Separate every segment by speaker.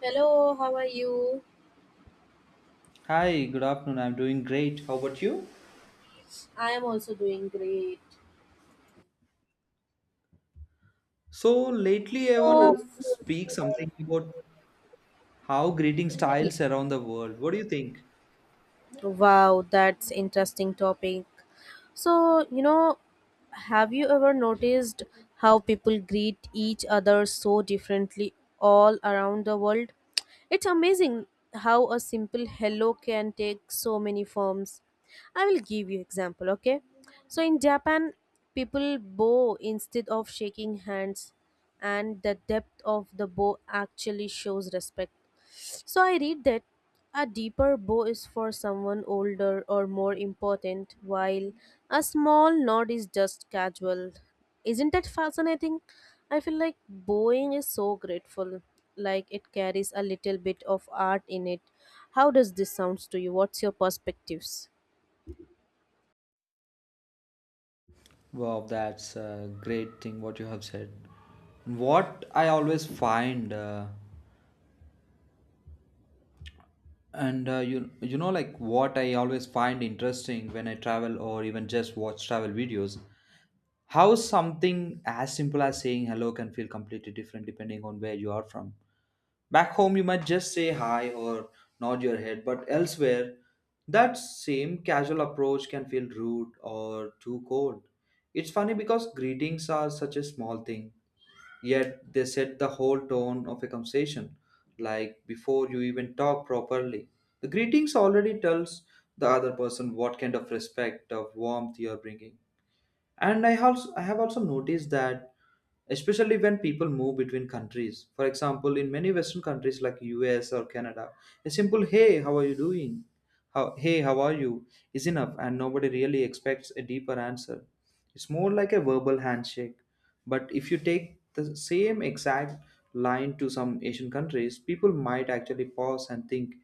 Speaker 1: Hello, how are you?
Speaker 2: Hi, good afternoon. I'm doing great. How about you?
Speaker 1: I am also doing great.
Speaker 2: So, lately I
Speaker 1: So,
Speaker 2: wanna speak something about how greeting
Speaker 1: Yeah.
Speaker 2: styles around the world. What do you think?
Speaker 1: Wow, that's interesting topic. So, you know, have you ever noticed how people greet each other so differently all around the world? It's amazing how a simple hello can take so many forms. I will give you example, okay? So in Japan, people bow instead of shaking hands and the depth of the bow actually shows respect. So I read that a deeper bow is for someone older or more important, while a small nod is just casual. Isn't that fascinating? I feel like bowing is so grateful, like it carries a little bit of art in it. How does this sounds to you? What's your perspectives?
Speaker 2: Wow, that's a great thing what you have said. What I always find, and you you know like what I always find interesting when I travel or even just watch travel videos, how something as simple as saying hello can feel completely different depending on where you are from. Back home, you might just say hi or nod your head, but elsewhere, that same casual approach can feel rude or too cold. It's funny because greetings are such a small thing, yet they set the whole tone of a conversation, like before you even talk properly. The greetings already tells the other person what kind of respect or warmth you're bringing. And i also i have also noticed that, especially when people move between countries. For example, in many western countries like US or Canada, a simple "hey, how are you doing how, hey how are you is enough and nobody really expects a deeper answer. It's more like a verbal handshake. But if you take the same exact line to some Asian countries, people might actually pause and think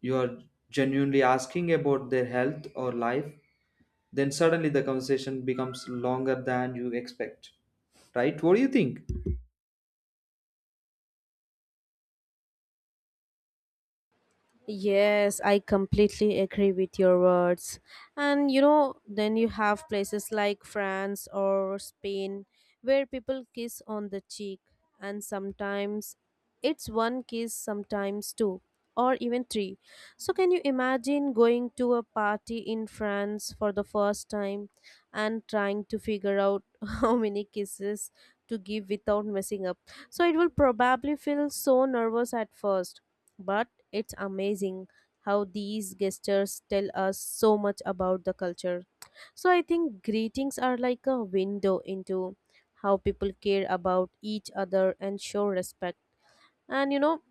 Speaker 2: you are genuinely asking about their health or life, then suddenly the conversation becomes longer than you expect. Right? What do you think?
Speaker 1: Yes, I completely agree with your words. And you know, then you have places like France or Spain where people kiss on the cheek, and sometimes it's one kiss, sometimes two, or even three. So, can you imagine going to a party in France for the first time and trying to figure out how many kisses to give without messing up? So, it will probably feel so nervous at first but it's amazing how these gestures tell us so much about the culture. So I think greetings are like a window into how people care about each other and show respect. And you know,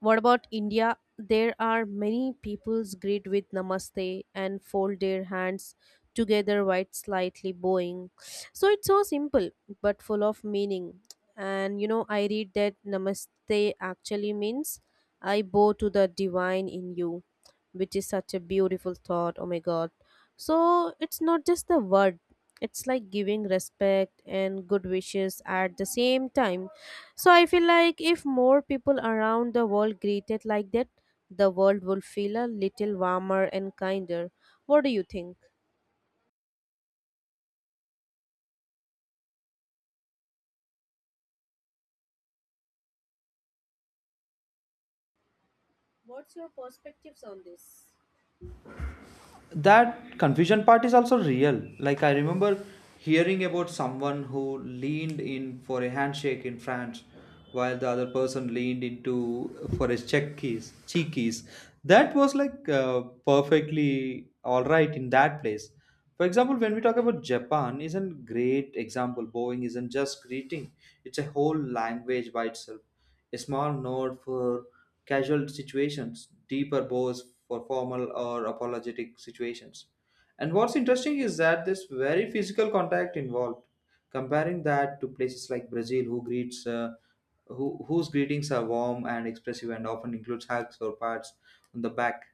Speaker 1: what about India? There are many peoples greet with namaste and fold their hands together while slightly bowing. So it's so simple but full of meaning. And you know, I read that namaste actually means I bow to the divine in you, which is such a beautiful thought. Oh my god. So it's not just the word, it's like giving respect and good wishes at the same time. So I feel like if more people around the world greeted like that, the world will feel a little warmer and kinder. What do you think? What's your perspectives on this?
Speaker 2: That confusion part is also real. Like, I remember hearing about someone who leaned in for a handshake in France while the other person leaned into for his cheek keys. That was like perfectly all right in that place. For example, when we talk about Japan, is a great example. Bowing isn't just greeting; it's a whole language by itself. A small nod for casual situations, deeper bows for formal or apologetic situations. And what's interesting is that this very physical contact involved, comparing that to places like Brazil, who greets, whose greetings are warm and expressive and often includes hugs or pats on the back,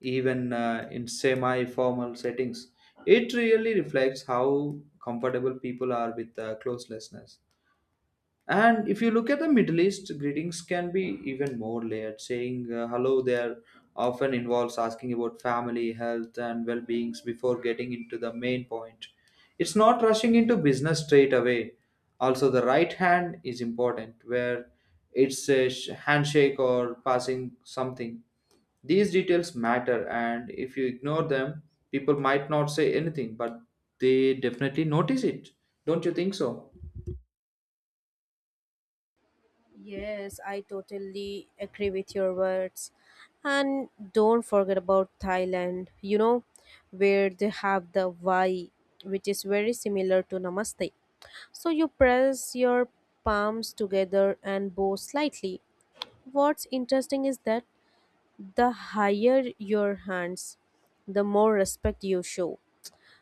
Speaker 2: even in semi-formal settings. It really reflects how comfortable people are with closelessness. And if you look at the Middle East, greetings can be even more layered. Saying hello there often involves asking about family, health, and well beings before getting into the main point. It's not rushing into business straight away. Also, the right hand is important, where it's a handshake or passing something. These details matter, and if you ignore them, people might not say anything, but they definitely notice it. Don't you think so?
Speaker 1: Yes, I totally agree with your words. And don't forget about Thailand, you know, where they have the Y, which is very similar to Namaste. So you press your palms together and bow slightly. What's interesting is that the higher your hands, the more respect you show.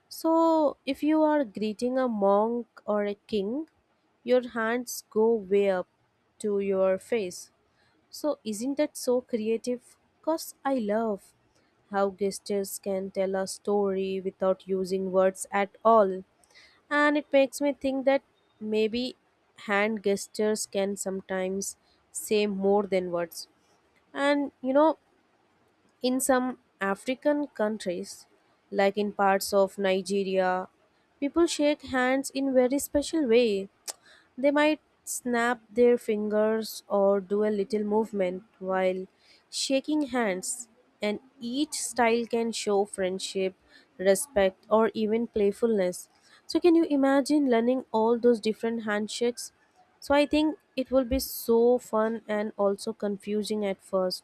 Speaker 1: So if you are greeting a monk or a king, your hands go way up to your face. So isn't that so creative? Cause I love how gestures can tell a story without using words at all. And it makes me think that maybe hand gestures can sometimes say more than words. And you know, in some African countries, like in parts of Nigeria, people shake hands in very special way. They might snap their fingers or do a little movement while shaking hands, and each style can show friendship, respect, or even playfulness. So, can you imagine learning all those different handshakes? So, I think it will be so fun and also confusing at first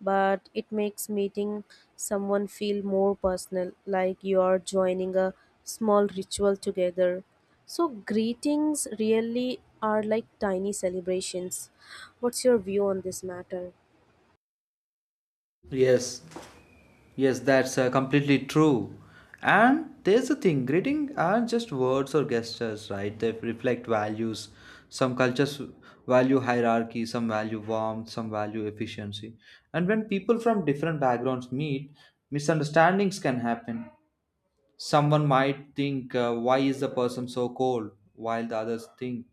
Speaker 1: but it makes meeting someone feel more personal, like you are joining a small ritual together. So, greetings really are like tiny celebrations. What's your view on this matter?
Speaker 2: Yes, Yes, that's completely true. And there's a thing, greeting are just words or gestures, right? They reflect values. Some cultures value hierarchy, some value warmth, some value efficiency. And when people from different backgrounds meet, misunderstandings can happen. Someone might think, why is the person so cold? While the others think,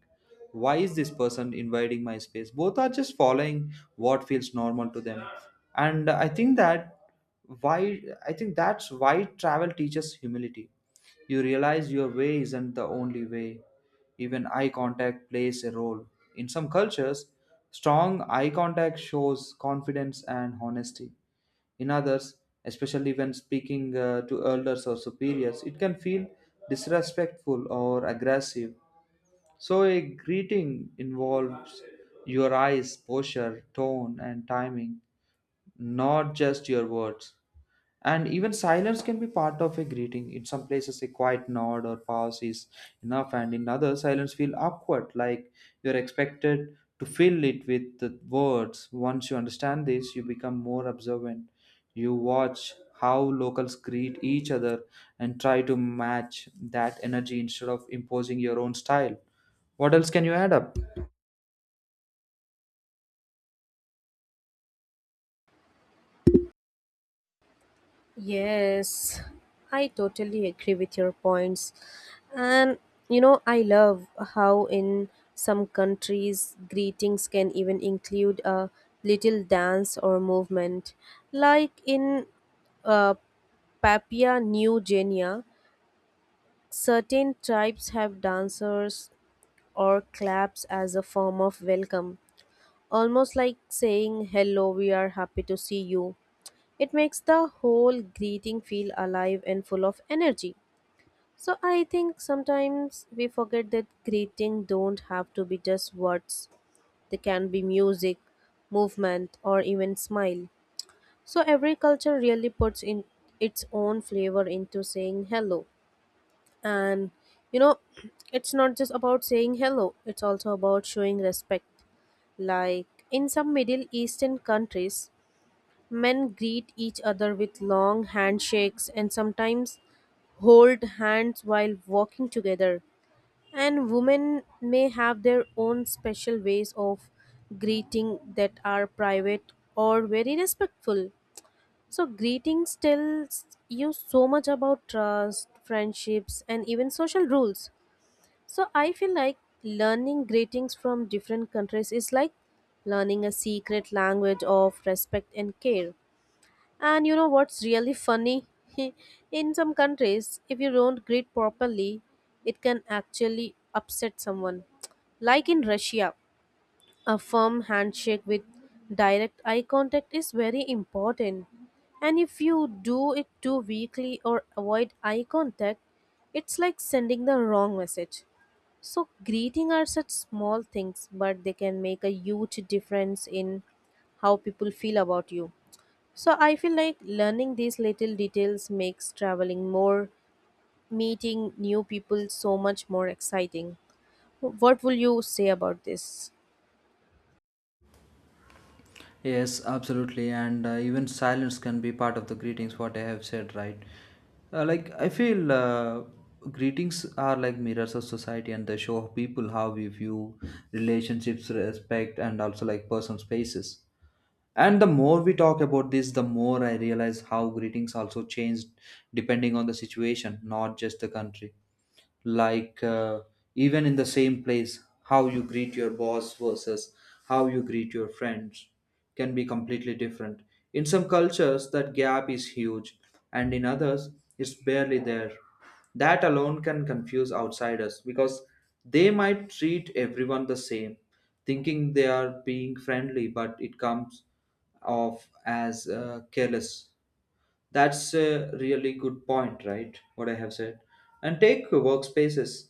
Speaker 2: why is this person invading my space? Both are just following what feels normal to them. And I think that why I think that's why travel teaches humility. You realize your way isn't the only way. Even eye contact plays a role. In some cultures, strong eye contact shows confidence and honesty. In others, especially when speaking to elders or superiors, it can feel disrespectful or aggressive. So, a greeting involves your eyes, posture, tone, and timing, not just your words. And even silence can be part of a greeting. In some places a quiet nod or pause is enough, and in others silence feels awkward, like you're expected to fill it with the words. Once you understand this, you become more observant. You watch how locals greet each other and try to match that energy instead of imposing your own style. What else can you add up?
Speaker 1: Yes, I totally agree with your points. And you know, I love how in some countries greetings can even include a little dance or movement. Like in uh, Papua New Guinea, certain tribes have dancers or claps as a form of welcome, almost like saying, Hello, we are happy to see you. It makes the whole greeting feel alive and full of energy. So I think sometimes we forget that greeting don't have to be just words. They can be music, movement, or even smile. So every culture really puts in its own flavor into saying hello. And you know, it's not just about saying hello, it's also about showing respect. Like in some Middle Eastern countries, men greet each other with long handshakes and sometimes hold hands while walking together. And women may have their own special ways of greeting that are private or very respectful. So, greetings tells you so much about trust, friendships, and even social rules. So I feel like learning greetings from different countries is like learning a secret language of respect and care. And you know what's really funny? In some countries, if you don't greet properly, it can actually upset someone. Like in Russia, a firm handshake with direct eye contact is very important. And if you do it too weakly or avoid eye contact, it's like sending the wrong message. So, greeting are such small things, but they can make a huge difference in how people feel about you. So, I feel like learning these little details makes traveling more, meeting new people so much more exciting. What will you say about this?
Speaker 2: Yes, absolutely, and even silence can be part of the greetings. What I have said, right? Like I feel greetings are like mirrors of society, and they show people how we view relationships, respect, and also like personal spaces. And the more we talk about this, the more I realize how greetings also change depending on the situation, not just the country, like even in the same place, how you greet your boss versus how you greet your friends can be completely different. In some cultures that gap is huge, and in others it's barely there. That alone can confuse outsiders, because they might treat everyone the same, thinking they are being friendly, but it comes off as careless. That's a really good point, right? What I have said. And take workspaces.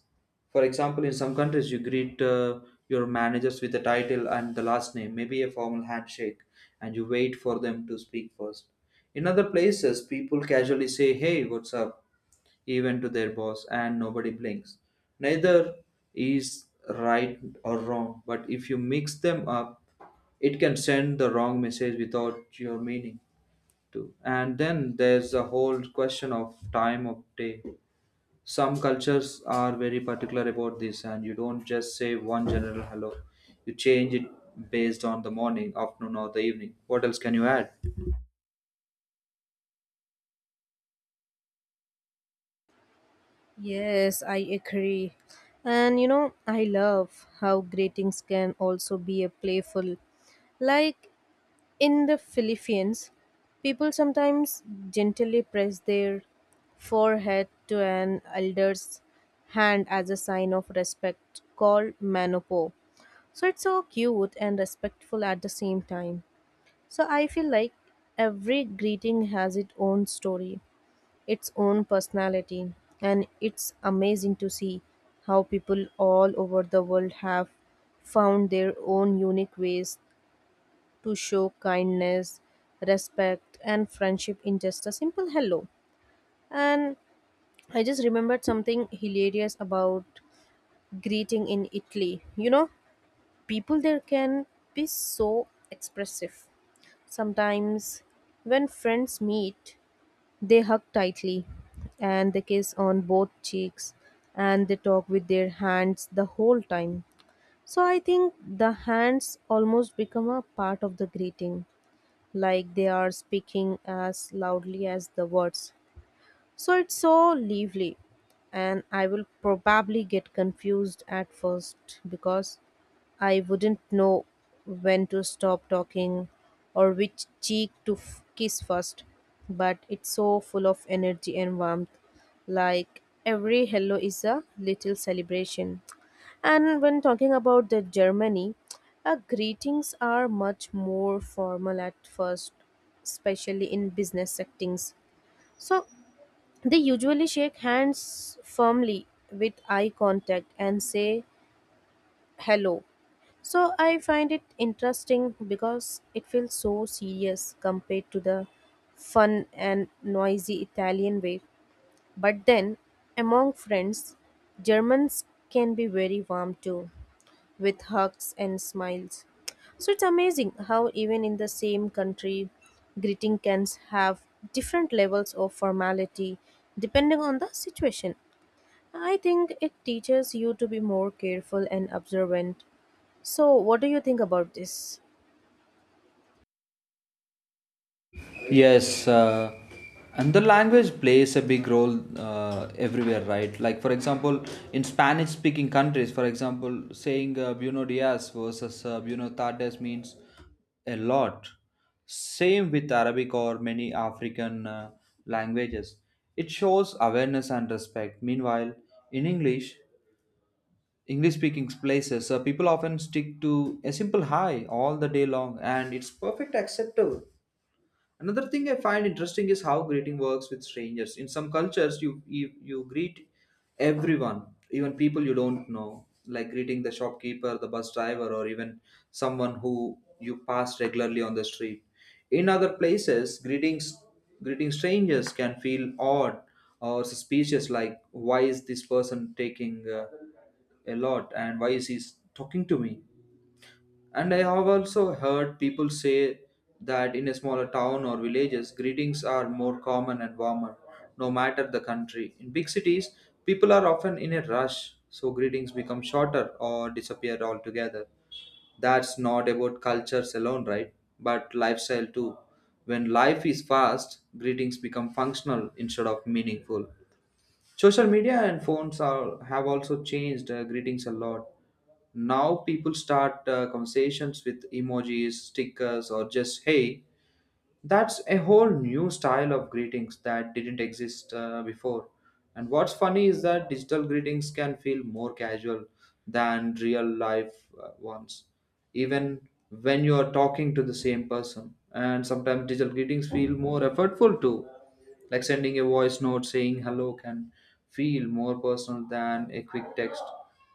Speaker 2: For example, in some countries, you greet your managers with the title and the last name, maybe a formal handshake, and you wait for them to speak first. In other places, people casually say, "Hey, what's up?" even to their boss, and nobody blinks. Neither is right or wrong, but if you mix them up, it can send the wrong message without your meaning too. And then there's a whole question of time of day. Some cultures are very particular about this, and you don't just say one general hello. You change it based on the morning, afternoon, or the evening. What else can you add?
Speaker 1: Yes, I agree. And you know, I love how greetings can also be a playful. Like in the Philippines, people sometimes gently press their forehead to an elder's hand as a sign of respect called manopo. So it's so cute and respectful at the same time. So I feel like every greeting has its own story, its own personality, and it's amazing to see how people all over the world have found their own unique ways to show kindness, respect, and friendship in just a simple hello. And I just remembered something hilarious about greeting in Italy. You know, people there can be so expressive. Sometimes, when friends meet, they hug tightly and they kiss on both cheeks and they talk with their hands the whole time. So I think the hands almost become a part of the greeting like they are speaking as loudly as the words. So it's so lively, and I will probably get confused at first because I wouldn't know when to stop talking or which cheek to kiss first. But it's so full of energy and warmth, like every hello is a little celebration. And when talking about the Germany, greetings are much more formal at first, especially in business settings. So they usually shake hands firmly with eye contact and say hello. So I find it interesting because it feels so serious compared to the fun and noisy Italian way. But then, among friends, Germans can be very warm too with hugs and smiles. So it's amazing how, even in the same country, greeting can have different levels of formality depending on the situation. I think it teaches you to be more careful and observant. So, what do you think about this?
Speaker 2: Yes, and the language plays a big role everywhere, right? Like, for example, in Spanish speaking countries, for example, saying Buenos Dias versus Buenos Tardes means a lot. Same with Arabic or many African languages. It shows awareness and respect. Meanwhile, in English, English speaking places, people often stick to a simple hi all the day long, and it's perfect acceptable. Another thing I find interesting is how greeting works with strangers. In some cultures, you greet everyone, even people you don't know, like greeting the shopkeeper, the bus driver, or even someone who you pass regularly on the street. In other places, greeting strangers can feel odd or suspicious, like why is this person taking a lot, and why is he talking to me? And I have also heard people say that in a smaller town or villages, greetings are more common and warmer, no matter the country. In big cities, people are often in a rush, so greetings become shorter or disappear altogether. That's not about cultures alone, right? But lifestyle too. When life is fast, greetings become functional instead of meaningful. Social media and phones are have also changed greetings a lot. Now people start conversations with emojis, stickers, or just hey. That's a whole new style of greetings that didn't exist before. And what's funny is that digital greetings can feel more casual than real life ones, even when you're talking to the same person. And sometimes digital greetings feel more effortful too. Like sending a voice note saying hello can feel more personal than a quick text.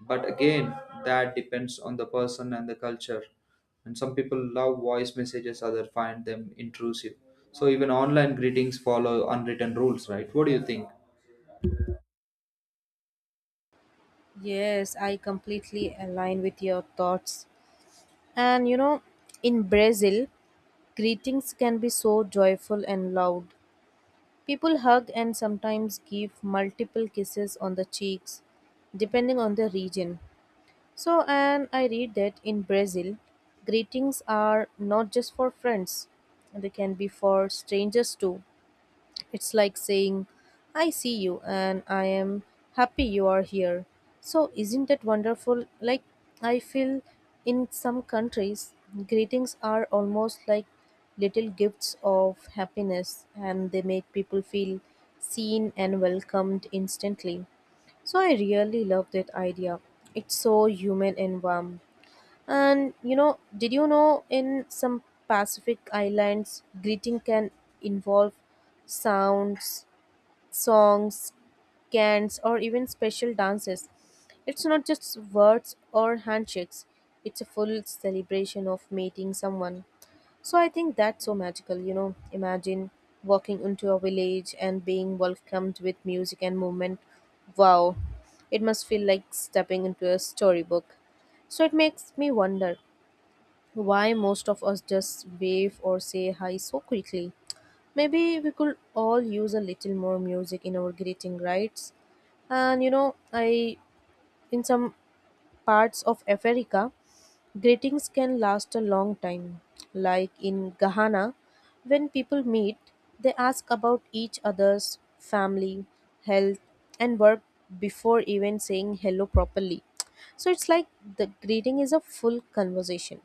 Speaker 2: But again, that depends on the person and the culture. And some people love voice messages, others find them intrusive. So even online greetings follow unwritten rules, right? What do you think?
Speaker 1: Yes, I completely align with your thoughts. And you know, in Brazil, greetings can be so joyful and loud. People hug and sometimes give multiple kisses on the cheeks, depending on the region. So, and I read that in Brazil, greetings are not just for friends, they can be for strangers too. It's like saying, I see you and I am happy you are here. So, isn't that wonderful? Like, I feel in some countries, greetings are almost like little gifts of happiness and they make people feel seen and welcomed instantly. So I really love that idea. It's so human and warm. And you know, did you know in some Pacific islands, greeting can involve sounds, songs, chants, or even special dances? It's not just words or handshakes, it's a full celebration of meeting someone. So I think that's so magical, you know. Imagine walking into a village and being welcomed with music and movement. Wow, it must feel like stepping into a storybook. So it makes me wonder why most of us just wave or say hi so quickly? Maybe we could all use a little more music in our greeting, right? And you know, I in some parts of Africa, greetings can last a long time. Like in Ghana, when people meet, they ask about each other's family, health, and work before even saying hello properly. So it's like the greeting is a full conversation.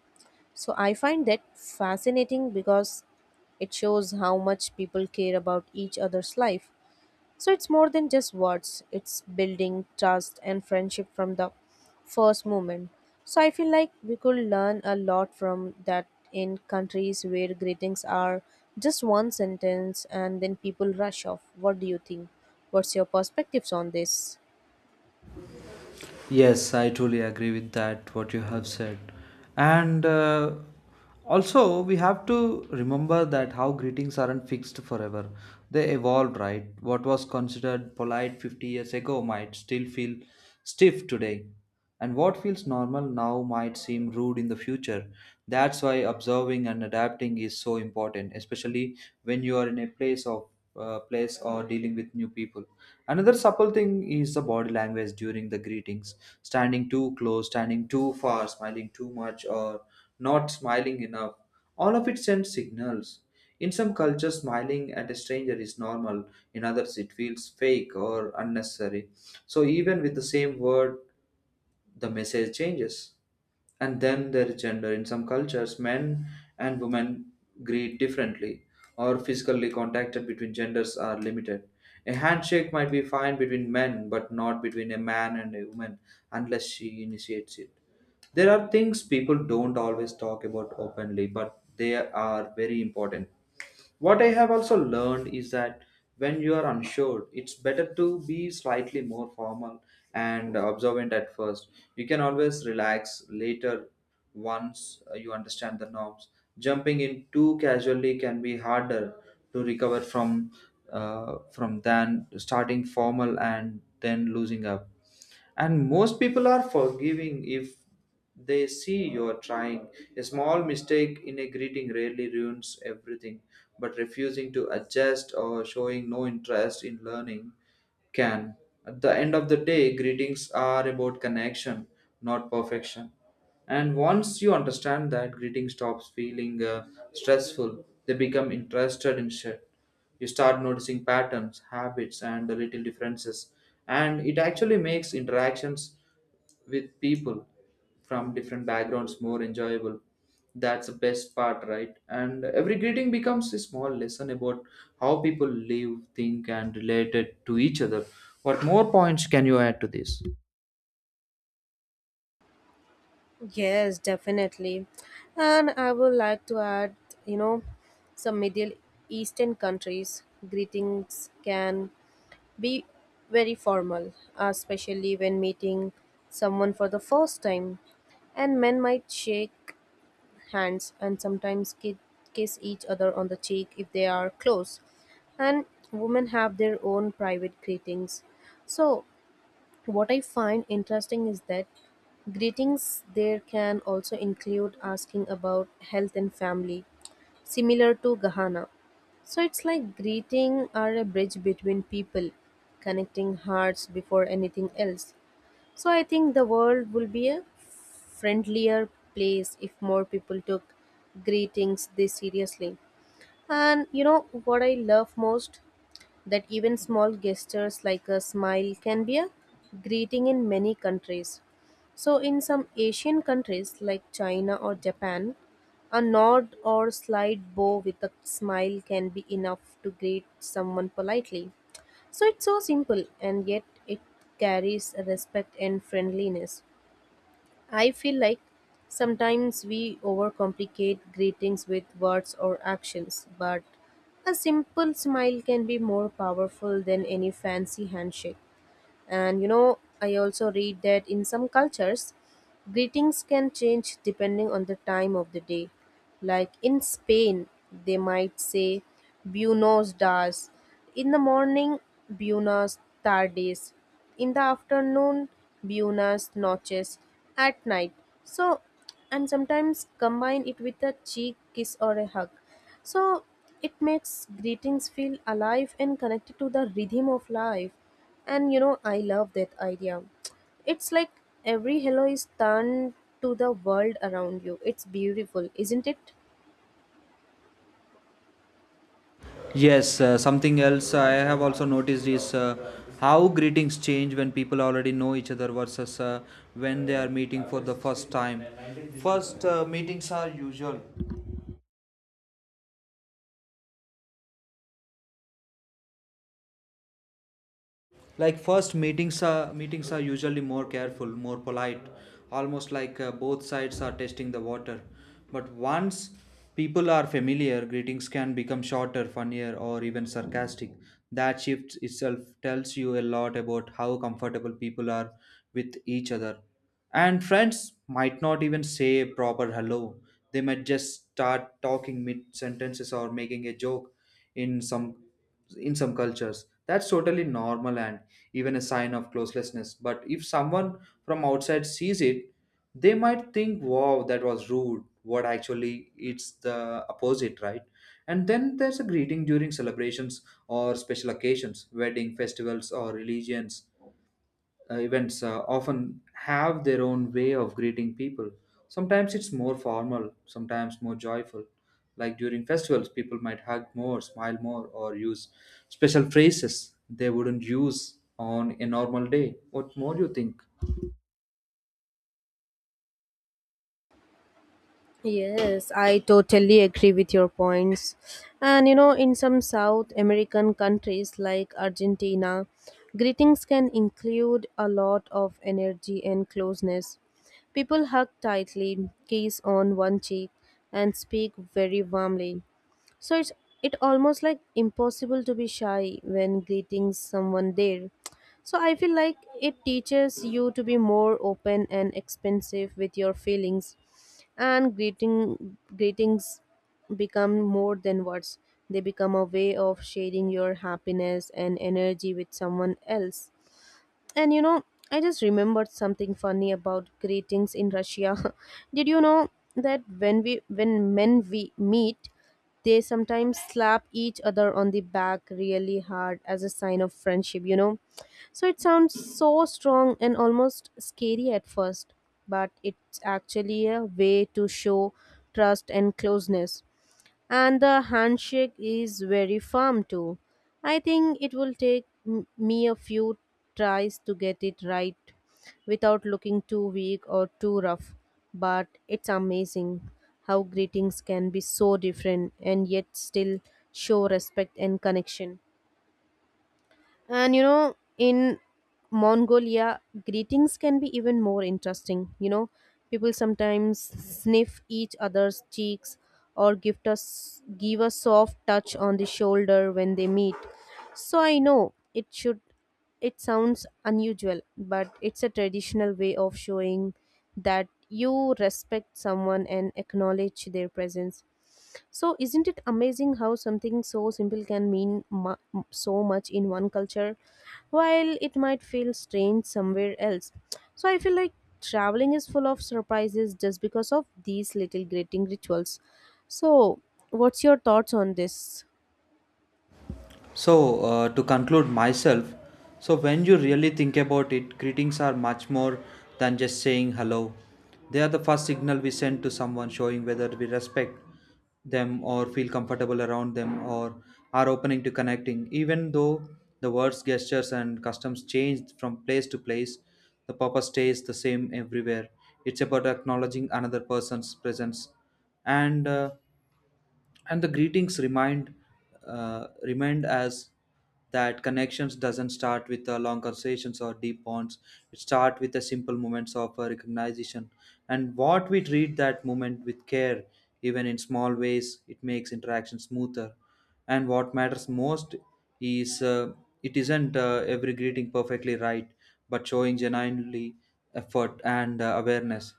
Speaker 1: So I find that fascinating because it shows how much people care about each other's life. So it's more than just words, it's building trust and friendship from the first moment. So I feel like we could learn a lot from that in countries where greetings are just one sentence and then people rush off. What do you think? What's your perspectives on this?
Speaker 2: Yes, I truly agree with that, what you have said. And also, we have to remember that how greetings aren't fixed forever. They evolved, right? What was considered polite 50 years ago might still feel stiff today. And what feels normal now might seem rude in the future. That's why observing and adapting is so important, especially when you are in a place of place or dealing with new people. Another supple thing is the body language during the greetings. Standing too close, standing too far, smiling too much, or not smiling enough. All of it sends signals. In some cultures, smiling at a stranger is normal. In others, it feels fake or unnecessary. So even with the same word, the message changes. And then there is gender. In some cultures, men and women greet differently, or physically contacted between genders are limited. A handshake might be fine between men, but not between a man and a woman unless she initiates it. There are things people don't always talk about openly, but they are very important. What I have also learned is that when you are unsure, it's better to be slightly more formal and observant at first. You can always relax later once you understand the norms. Jumping in too casually can be harder to recover from than starting formal and then losing up. And most people are forgiving if they see you're trying. A small mistake in a greeting rarely ruins everything, but refusing to adjust or showing no interest in learning can. At the end of the day, greetings are about connection, not perfection. And once you understand that, greeting stops feeling stressful. They become interested instead. You start noticing patterns, habits, and the little differences, and it actually makes interactions with people from different backgrounds more enjoyable. That's the best part, right? And every greeting becomes a small lesson about how people live, think, and related to each other. What more points can you add to this?
Speaker 1: Yes, definitely. And I would like to add, you know, some Middle Eastern countries, greetings can be very formal, especially when meeting someone for the first time. And men might shake hands and sometimes kiss each other on the cheek if they are close. And women have their own private greetings. So, what I find interesting is that greetings there can also include asking about health and family similar to Ghana. So it's like greeting are a bridge between people, connecting hearts before anything else. So I think the world will be a friendlier place if more people took greetings this seriously. And you know what I love most? That even small gestures like a smile can be a greeting in many countries. So, in some Asian countries like China or Japan, a nod or slight bow with a smile can be enough to greet someone politely. So, it's so simple and yet it carries respect and friendliness. I feel like sometimes we overcomplicate greetings with words or actions, but a simple smile can be more powerful than any fancy handshake. And you know, I also read that in some cultures, greetings can change depending on the time of the day. Like in Spain, they might say Buenos dias in the morning, Buenas tardes in the afternoon, Buenas noches at night. So, and sometimes combine it with a cheek kiss or a hug. So, it makes greetings feel alive and connected to the rhythm of life. And you know, I love that idea. It's like every hello is turned to the world around you. It's beautiful, isn't it?
Speaker 2: Yes, something else I have also noticed is how greetings change when people already know each other versus when they are meeting for the first time. First meetings are usual, like first meetings are usually more careful, more polite, almost like both sides are testing the water. But once people are familiar, greetings can become shorter, funnier, or even sarcastic. That shift itself tells you a lot about how comfortable people are with each other. And friends might not even say a proper hello. They might just start talking mid sentences or making a joke in some cultures. That's totally normal and even a sign of closelessness. But if someone from outside sees it, they might think, wow, that was rude. What actually it's the opposite, right? And then there's a greeting during celebrations or special occasions. Wedding, festivals, or religions events often have their own way of greeting people. Sometimes it's more formal, sometimes more joyful. Like during festivals, people might hug more, smile more, or use special phrases they wouldn't use on a normal day. What more do you think?
Speaker 1: Yes, I totally agree with your points. And you know, in some South American countries like Argentina, greetings can include a lot of energy and closeness. People hug tightly, kiss on one cheek, and speak very warmly. So it's it almost like impossible to be shy when greeting someone there. So I feel like it teaches you to be more open and expansive with your feelings, and greetings become more than words. They become a way of sharing your happiness and energy with someone else. And you know, I just remembered something funny about greetings in Russia. Did you know that when men we meet, they sometimes slap each other on the back really hard as a sign of friendship, you know? So it sounds so strong and almost scary at first, but it's actually a way to show trust and closeness, and the handshake is very firm too. I think it will take me a few tries to get it right without looking too weak or too rough, but it's amazing how greetings can be so different and yet still show respect and connection. And you know, in Mongolia, greetings can be even more interesting. You know, people sometimes sniff each other's cheeks or give a soft touch on the shoulder when they meet. So I know it sounds unusual, but it's a traditional way of showing that you respect someone and acknowledge their presence. So, isn't it amazing how something so simple can mean so much in one culture while it might feel strange somewhere else? So, I feel like traveling is full of surprises just because of these little greeting rituals. So, what's your thoughts on this?
Speaker 2: So, to conclude myself, so when you really think about it, greetings are much more than just saying hello. They are the first signal we send to someone, showing whether we respect them or feel comfortable around them or are opening to connecting. Even though the words, gestures, and customs change from place to place, the purpose stays the same everywhere. It's about acknowledging another person's presence. And uh, and the greetings remind remind us that connections doesn't start with long conversations or deep bonds. It starts with the simple moments of recognition. And what we treat that moment with care, even in small ways, it makes interaction smoother. And what matters most is it isn't every greeting perfectly right, but showing genuinely effort and awareness,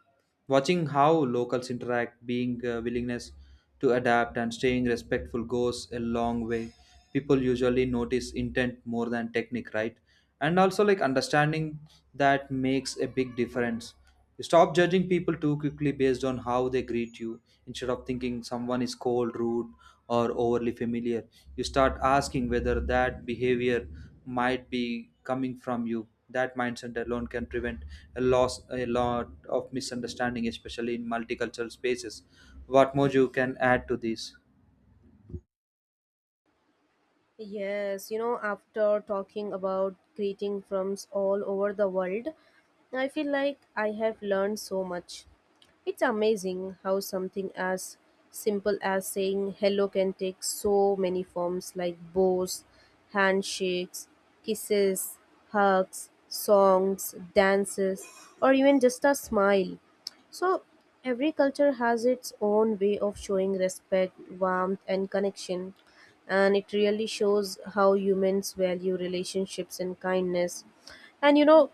Speaker 2: watching how locals interact, being willingness to adapt and staying respectful goes a long way. People usually notice intent more than technique, right? And also like understanding that makes a big difference. You stop judging people too quickly based on how they greet you. Instead of thinking someone is cold, rude, or overly familiar, you start asking whether that behavior might be coming from you. That mindset alone can prevent a lot of misunderstanding, especially in multicultural spaces. What more you can add to this?
Speaker 1: Yes, you know, after talking about greeting from all over the world, I feel like I have learned so much. It's amazing how something as simple as saying hello can take so many forms, like bows, handshakes, kisses, hugs, songs, dances, or even just a smile. So, every culture has its own way of showing respect, warmth, and connection, and it really shows how humans value relationships and kindness. And you know,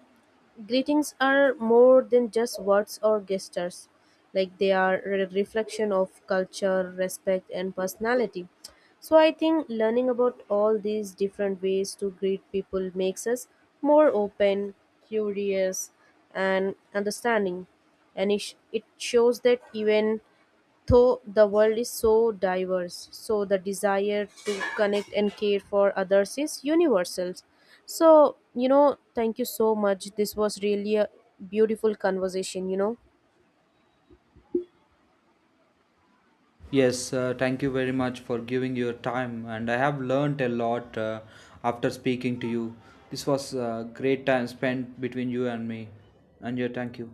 Speaker 1: greetings are more than just words or gestures. Like, they are a reflection of culture, respect and personality. So I think learning about all these different ways to greet people makes us more open, curious, and understanding. And it shows that even though the world is so diverse, so the desire to connect and care for others is universal. So, you know, thank you so much. This was really a beautiful conversation, you know.
Speaker 2: Yes, thank you very much for giving your time, and I have learned a lot after speaking to you. This was a great time spent between you and me, and yeah, thank you.